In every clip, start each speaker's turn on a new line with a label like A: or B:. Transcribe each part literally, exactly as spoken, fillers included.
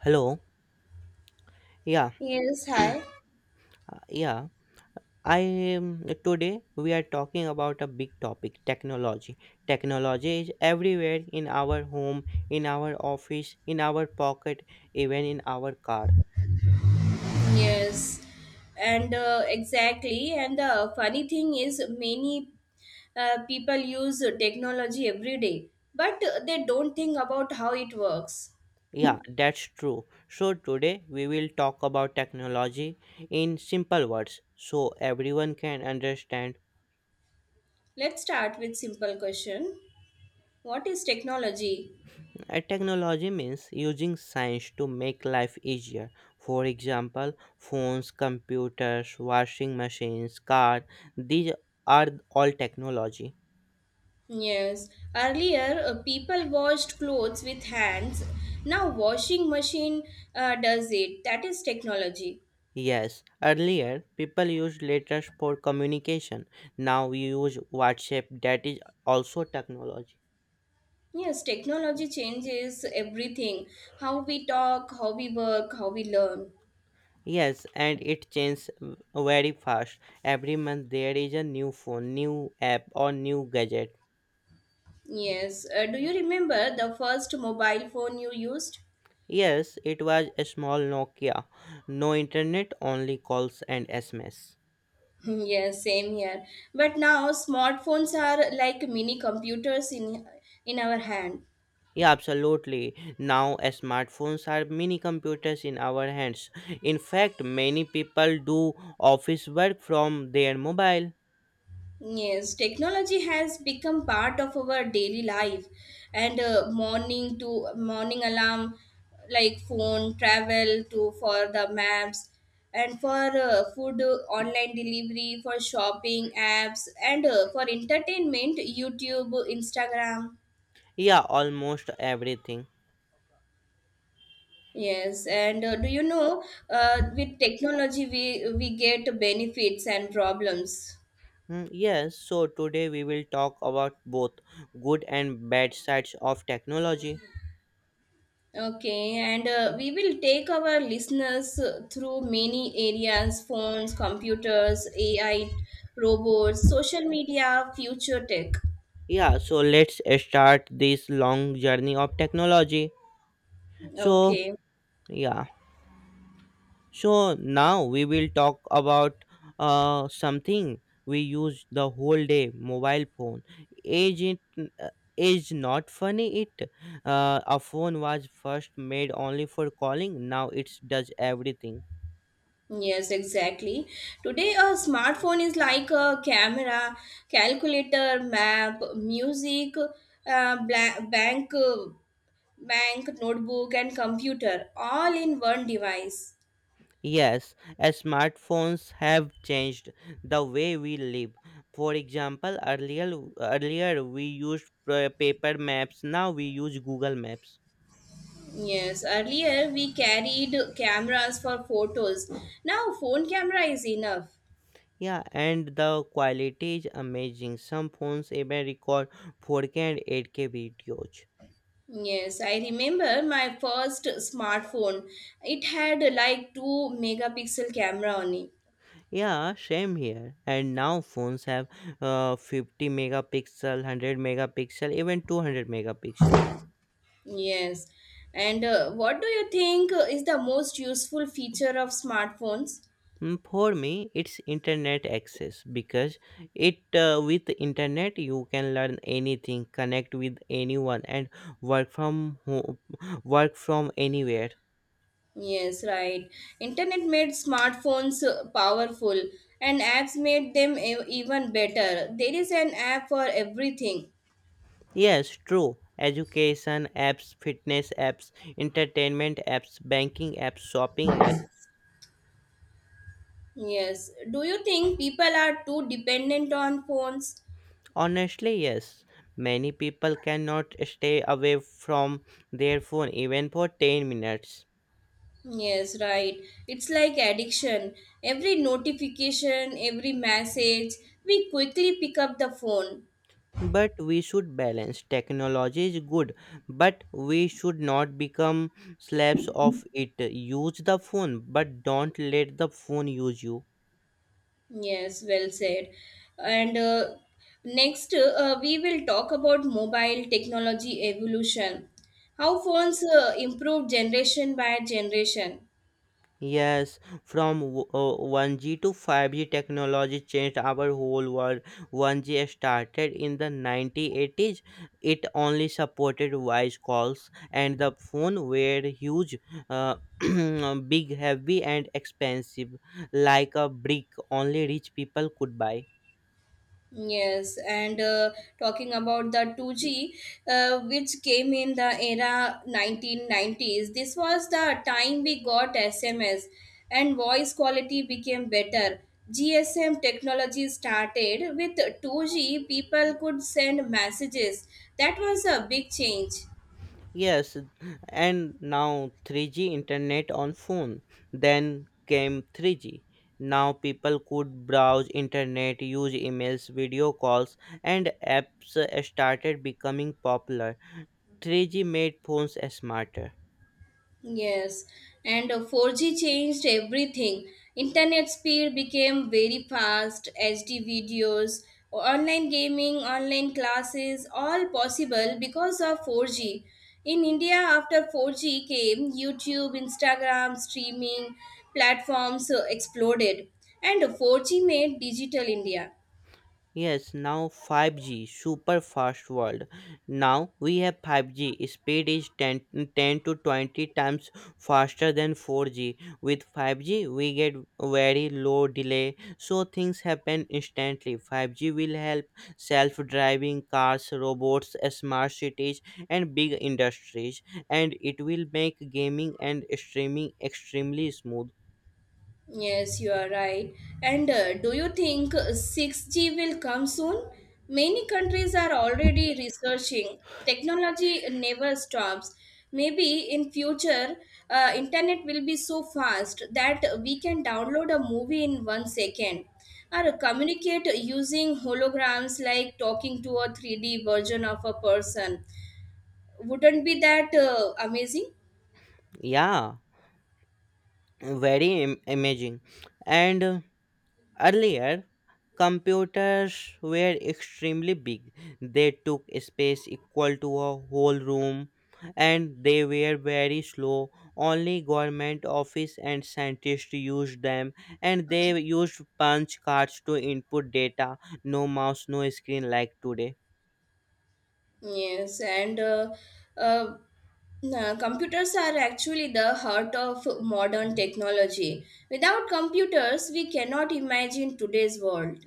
A: Hello. Yeah,
B: Yes, hi.
A: yeah. I um, Today we are talking about a big topic, technology. Technology is everywhere in our home, in our office, in our pocket, even in our car.
B: Yes, and uh, exactly. And the funny thing is, many uh, people use technology every day, but they don't think about how it works.
A: Yeah, that's true. So today we will talk about technology in simple words so everyone can understand.
B: Let's start with simple question. What is technology?
A: Uh, Technology means using science to make life easier. For example, phones, computers, washing machines, cars, these are all technology.
B: Yes, earlier uh, people washed clothes with hands. Now washing machine uh, does it. That is technology.
A: Yes, earlier people used letters for communication. Now we use WhatsApp, that is also technology.
B: Yes, technology changes everything how we talk, how we work, how we learn.
A: Yes, and it changes very fast. Every month there is a new phone, new app, or new gadget.
B: Yes, uh, do you remember the first mobile phone you used?
A: Yes, it was a small Nokia. No internet, only calls and S M S.
B: yes, same here. But now smartphones are like mini computers in in our hand.
A: Yeah, absolutely. Now smartphones are mini computers in our hands. In fact, many people do office work from their mobile.
B: Yes, technology has become part of our daily life, and uh, morning to morning alarm, like phone travel to for the maps, and for uh, food uh, online delivery, for shopping apps, and uh, for entertainment, YouTube, Instagram.
A: Yeah, almost everything.
B: Yes, and uh, do you know uh, with technology we we get benefits and problems.
A: Mm, yes, so today we will talk about both good and bad sides of technology.
B: Okay, and uh, we will take our listeners uh, through many areas phones, computers, A I, robots, social media, future tech.
A: Yeah, so let's start this long journey of technology. So,
B: Okay,
A: yeah. So now we will talk about uh, something we use the whole day, mobile phone. Age it uh, is not funny, it uh, a phone was first made only for calling. Now it does everything.
B: yes, exactly. Today, a smartphone is like a camera, calculator, map, music, uh, bla- bank, uh, bank, notebook, and computer all in one device.
A: Yes, as smartphones have changed the way we live. For example, earlier earlier we used uh, paper maps. Now we use Google Maps.
B: Yes, earlier we carried cameras for photos. Now phone camera is enough.
A: Yeah, and the quality is amazing. Some phones even record four K and eight K videos.
B: Yes, I remember my first smartphone. It had like two megapixel camera on it.
A: Yeah, same here. And now phones have uh, fifty megapixel, one hundred megapixel, even two hundred megapixel.
B: Yes. And uh, what do you think is the most useful feature of smartphones?
A: Mm, For me, it's internet access, because it uh, with internet you can learn anything, connect with anyone, and work from ho- work from anywhere.
B: Yes, right. Internet made smartphones uh, powerful and apps made them e- even better. There is an app for everything.
A: Yes, true. Education apps, fitness apps, entertainment apps, banking apps, shopping apps.
B: Yes. Do you think people are too dependent on phones?
A: Honestly, yes. Many people cannot stay away from their phone even for ten minutes.
B: Yes, right. It's like addiction. Every notification, every message, we quickly pick up the phone.
A: But we should balance. Technology is good, but we should not become slaves of it. Use the phone, but don't let the phone use you.
B: Yes, well said. And uh, next, uh, we will talk about mobile technology evolution. How phones uh, improve generation by generation.
A: Yes, from w- uh, one G to five G technology changed our whole world. one G started in the nineteen eighties. It only supported voice calls and the phone were huge, uh, big, heavy and expensive, like a brick. Only rich people could buy.
B: Yes, and uh, talking about the two G, uh, which came in the era nineteen nineties, this was the time we got S M S and voice quality became better. G S M technology started with two G, people could send messages. That was a big change.
A: Yes, and now three G internet on phone. Then came three G. Now people could browse internet, use emails, video calls, and apps started becoming popular. three G made phones smarter.
B: Yes, and uh, four G changed everything. Internet speed became very fast, H D videos, online gaming, online classes, all possible because of four G. In India, after four G came, YouTube, Instagram, streaming platforms uh, exploded. And four G made digital India.
A: Yes, now five G, super fast world. Now we have five G. Speed is ten ten to twenty times faster than four G. With five G, we get very low delay, so things happen instantly. five G will help self driving cars, robots, smart cities, and big industries, and it will make gaming and streaming extremely smooth.
B: Yes, you are right. And uh, do you think uh, six G will come soon? Many countries are already researching. Technology never stops. Maybe in future, uh, internet will be so fast that we can download a movie in one second or communicate using holograms like talking to a three D version of a person. Wouldn't be that uh, amazing?
A: Yeah, very am- amazing. And uh, Earlier, computers were extremely big. They took space equal to a whole room and they were very slow. Only government office and scientists used them, and they used punch cards to input data. No mouse, no screen like today.
B: Yes, and uh, uh, uh, computers are actually the heart of modern technology. Without computers, we cannot imagine today's world.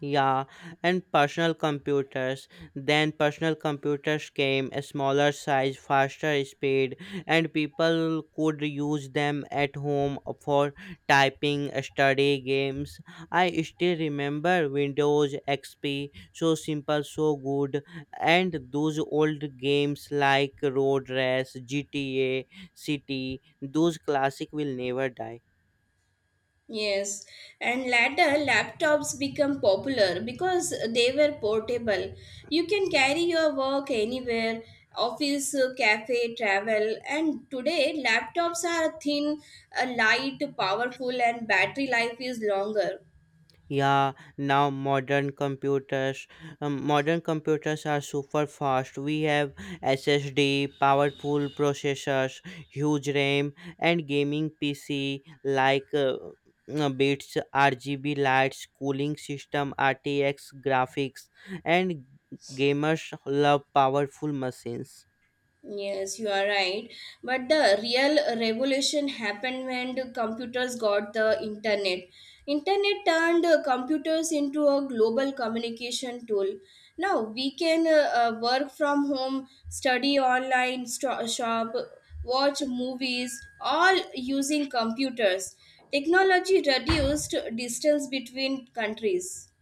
A: Yeah, and personal computers. Then personal computers came, a smaller size, faster speed, and people could use them at home for typing, study, games. I still remember Windows X P, so simple, so good, and those old games like Road Rash, G T A, City. Those classic will never die.
B: Yes, and later laptops become popular because they were portable. You can carry your work anywhere office, uh, cafe, travel. And today, laptops are thin, uh, light, powerful, and battery life is longer.
A: Yeah, now modern computers, um, Modern computers are super fast. We have S S D, powerful processors, huge RAM, and gaming P C like uh, uh, bits, R G B lights, cooling system, R T X graphics, and gamers love powerful machines.
B: Yes, you are right. But the real revolution happened when the computers got the internet. Internet turned uh, computers into a global communication tool. Now we can uh, uh, work from home, study online, sto- shop, watch movies, all using computers. Technology reduced distance between countries.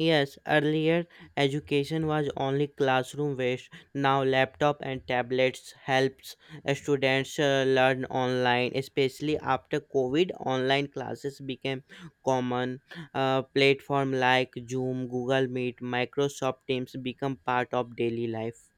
A: Yes, earlier education was only classroom based. Now laptop and tablets helps students uh, learn online, especially after COVID. Online classes became common. Uh, platform like Zoom, Google Meet, Microsoft Teams become part of daily life.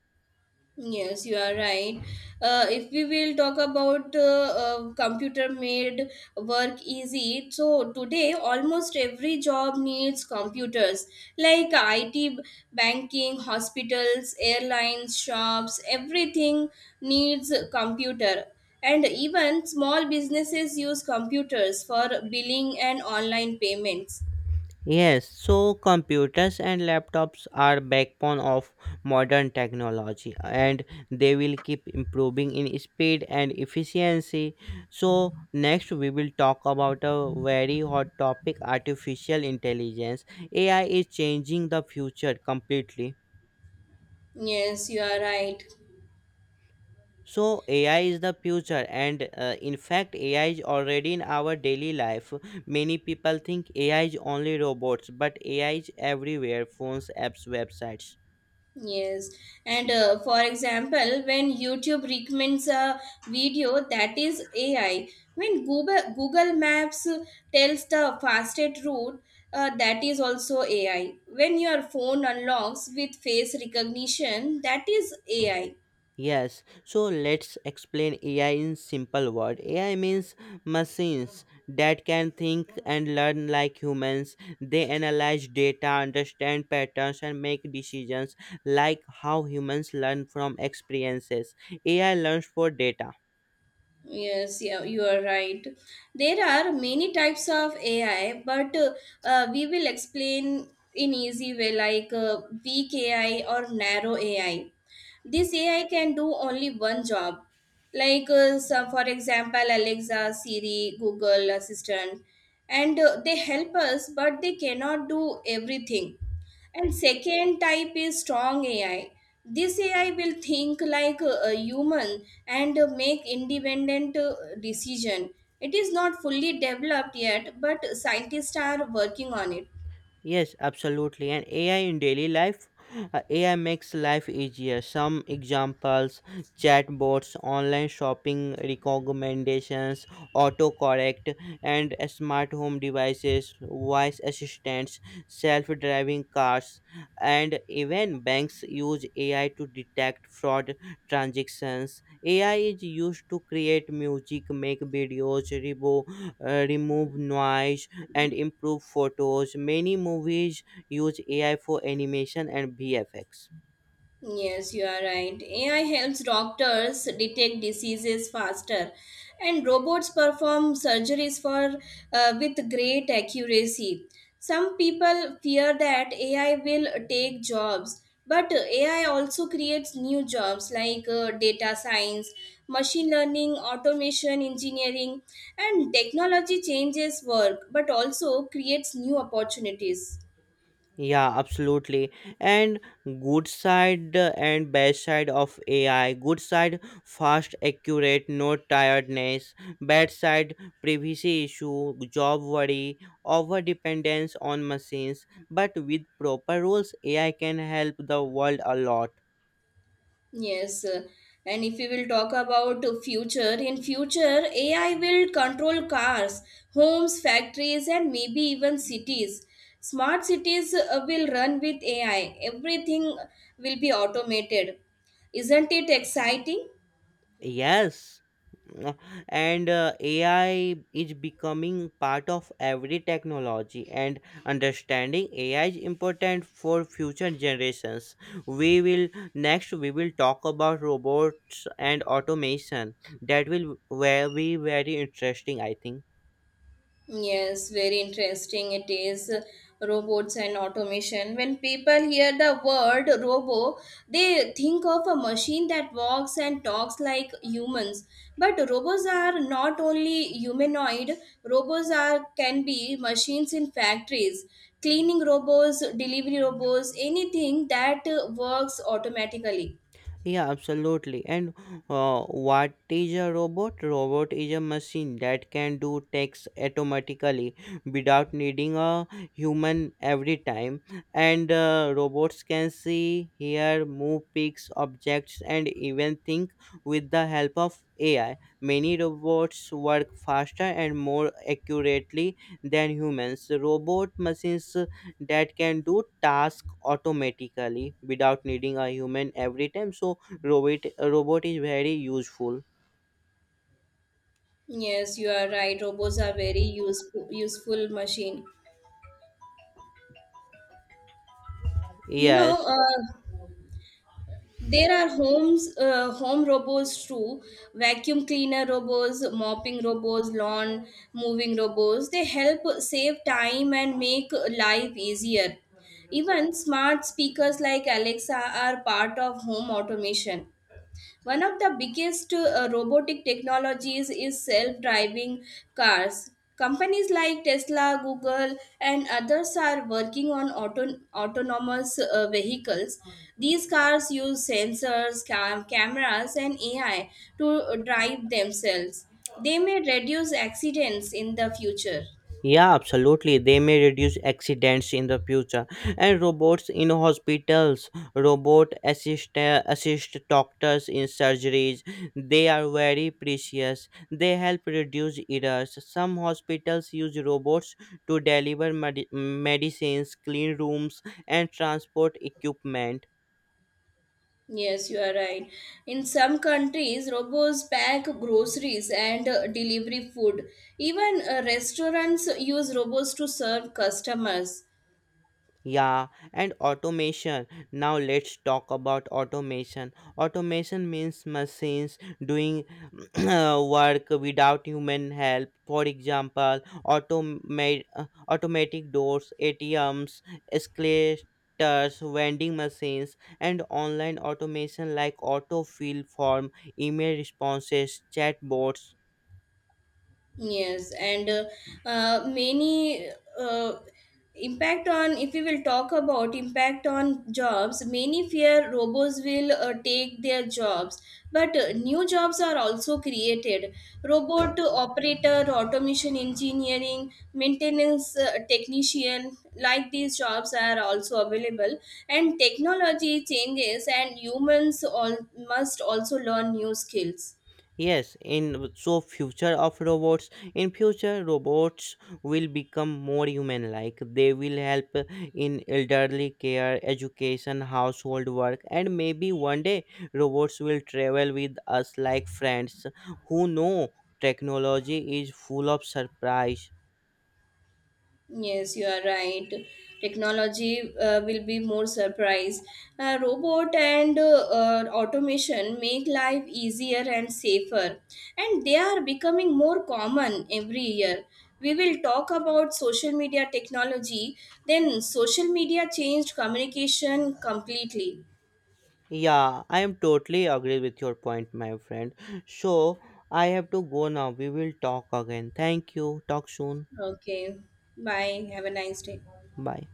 B: Yes, you are right. Uh, if we will talk about uh, uh, computer made work easy, so today almost every job needs computers like I T, banking, hospitals, airlines, shops, everything needs a computer. And even small businesses use computers for billing and online payments.
A: Yes, so computers and laptops are backbone of modern technology, and they will keep improving in speed and efficiency. So next we will talk about a very hot topic, artificial intelligence. A I is changing the future completely.
B: Yes, you are right.
A: So A I is the future, and uh, in fact A I is already in our daily life. Many people think A I is only robots, but A I is everywhere, phones, apps, websites.
B: Yes, and uh, for example, when YouTube recommends a video that is A I, when Google Google Maps tells the fastest route, uh, that is also A I. When your phone unlocks with face recognition, that is A I.
A: Yes, so let's explain A I in simple word. A I means machines that can think and learn like humans. They analyze data, understand patterns and make decisions like how humans learn from experiences. A I learns for data.
B: Yes, yeah, you are right. There are many types of A I, but uh, uh, we will explain in easy way like uh, weak A I or narrow A I. This A I can do only one job. Like uh, so for example, Alexa, Siri, Google Assistant, and uh, they help us, but they cannot do everything. And second type is strong A I. This A I will think like a a human and uh, make independent uh, decision. It is not fully developed yet, but scientists are working on it.
A: Yes, absolutely. And A I in daily life, uh, A I makes life easier. Some examples, chatbots, online shopping recommendations, autocorrect, and smart home devices, voice assistants, self driving cars, and even banks use A I to detect fraud transactions. A I is used to create music, make videos, rebo- uh, remove noise and improve photos. Many movies use A I for animation and V F X.
B: Yes, you are right. A I helps doctors detect diseases faster, and robots perform surgeries for uh, with great accuracy. Some people fear that A I will take jobs, but A I also creates new jobs like uh, data science, machine learning, automation engineering, and technology changes work but also creates new opportunities.
A: Yeah, absolutely. And good side uh, and bad side of A I. Good side, fast, accurate, no tiredness. Bad side, privacy issue, job worry, over dependence on machines. But with proper rules, A I can help the world a lot.
B: Yes, uh, and if we will talk about uh, future, in future A I will control cars, homes, factories, and maybe even cities. Smart cities uh, will run with A I. Everything will be automated. Isn't it exciting?
A: Yes. No. and uh, AI is becoming part of every technology, and understanding AI is important for future generations. We will next we will talk about robots and automation. That will where be very interesting, I think.
B: Yes, very interesting it is. uh, Robots and automation. When people hear the word robo, they think of a machine that walks and talks like humans. But robots are not only humanoid, robots are can be machines in factories, cleaning robots, delivery robots, anything that uh, works automatically.
A: Yeah, absolutely. And uh, what is a robot? Robot is a machine that can do tasks automatically without needing a human every time. And uh, robots can see, hear, move, picks, objects, and even think with the help of A I. Many robots work faster and more accurately than humans. Robot machines that can do task automatically without needing a human every time. So robot robot is very useful.
B: Yes, you are right. Robots are very useful useful machine. You know,
A: Yes,
B: uh, there are homes, uh, home robots too, vacuum cleaner robots, mopping robots, lawn moving robots. They help save time and make life easier. Even smart speakers like Alexa are part of home automation. One of the biggest uh, robotic technologies is self-driving cars. Companies like Tesla, Google, and others are working on auto- autonomous uh, vehicles. These cars use sensors, cam- cameras, and A I to drive themselves. They may reduce accidents in the future.
A: yeah, absolutely, they may reduce accidents in the future. And robots in hospitals, robot assist assist doctors in surgeries. They are very precious, they help reduce errors. Some hospitals use robots to deliver medi- medicines, clean rooms, and transport equipment.
B: Yes, you are right. In some countries, robots pack groceries and uh, delivery food. Even uh, restaurants use robots to serve customers.
A: Yeah, and automation. Now let's talk about automation. Automation means machines doing work without human help. For example, automate uh, automatic doors, A T Ms, escalators, vending machines, and online automation like autofill form, email responses, chatbots.
B: Yes, and uh, uh, many uh, impact on if we will talk about impact on jobs, many fear robots will uh, take their jobs. But uh, new jobs are also created. Robot operator, automation engineering, maintenance uh, technician, like these jobs are also available. And technology changes, and humans all must also learn new skills.
A: Yes, in so future of robots, in future robots will become more human like. They will help in elderly care, education, household work, and maybe one day robots will travel with us like friends. Who know? Technology is full of surprise.
B: Yes, you are right. Technology uh, will be more surprise. Uh, robot and uh, uh, automation make life easier and safer, and they are becoming more common every year. We will talk about social media technology. Then, social media changed communication completely.
A: Yeah, I am totally agree with your point, my friend. So I have to go now. We will talk again. Thank you. Talk soon.
B: Okay, bye. Have a nice day.
A: Bye.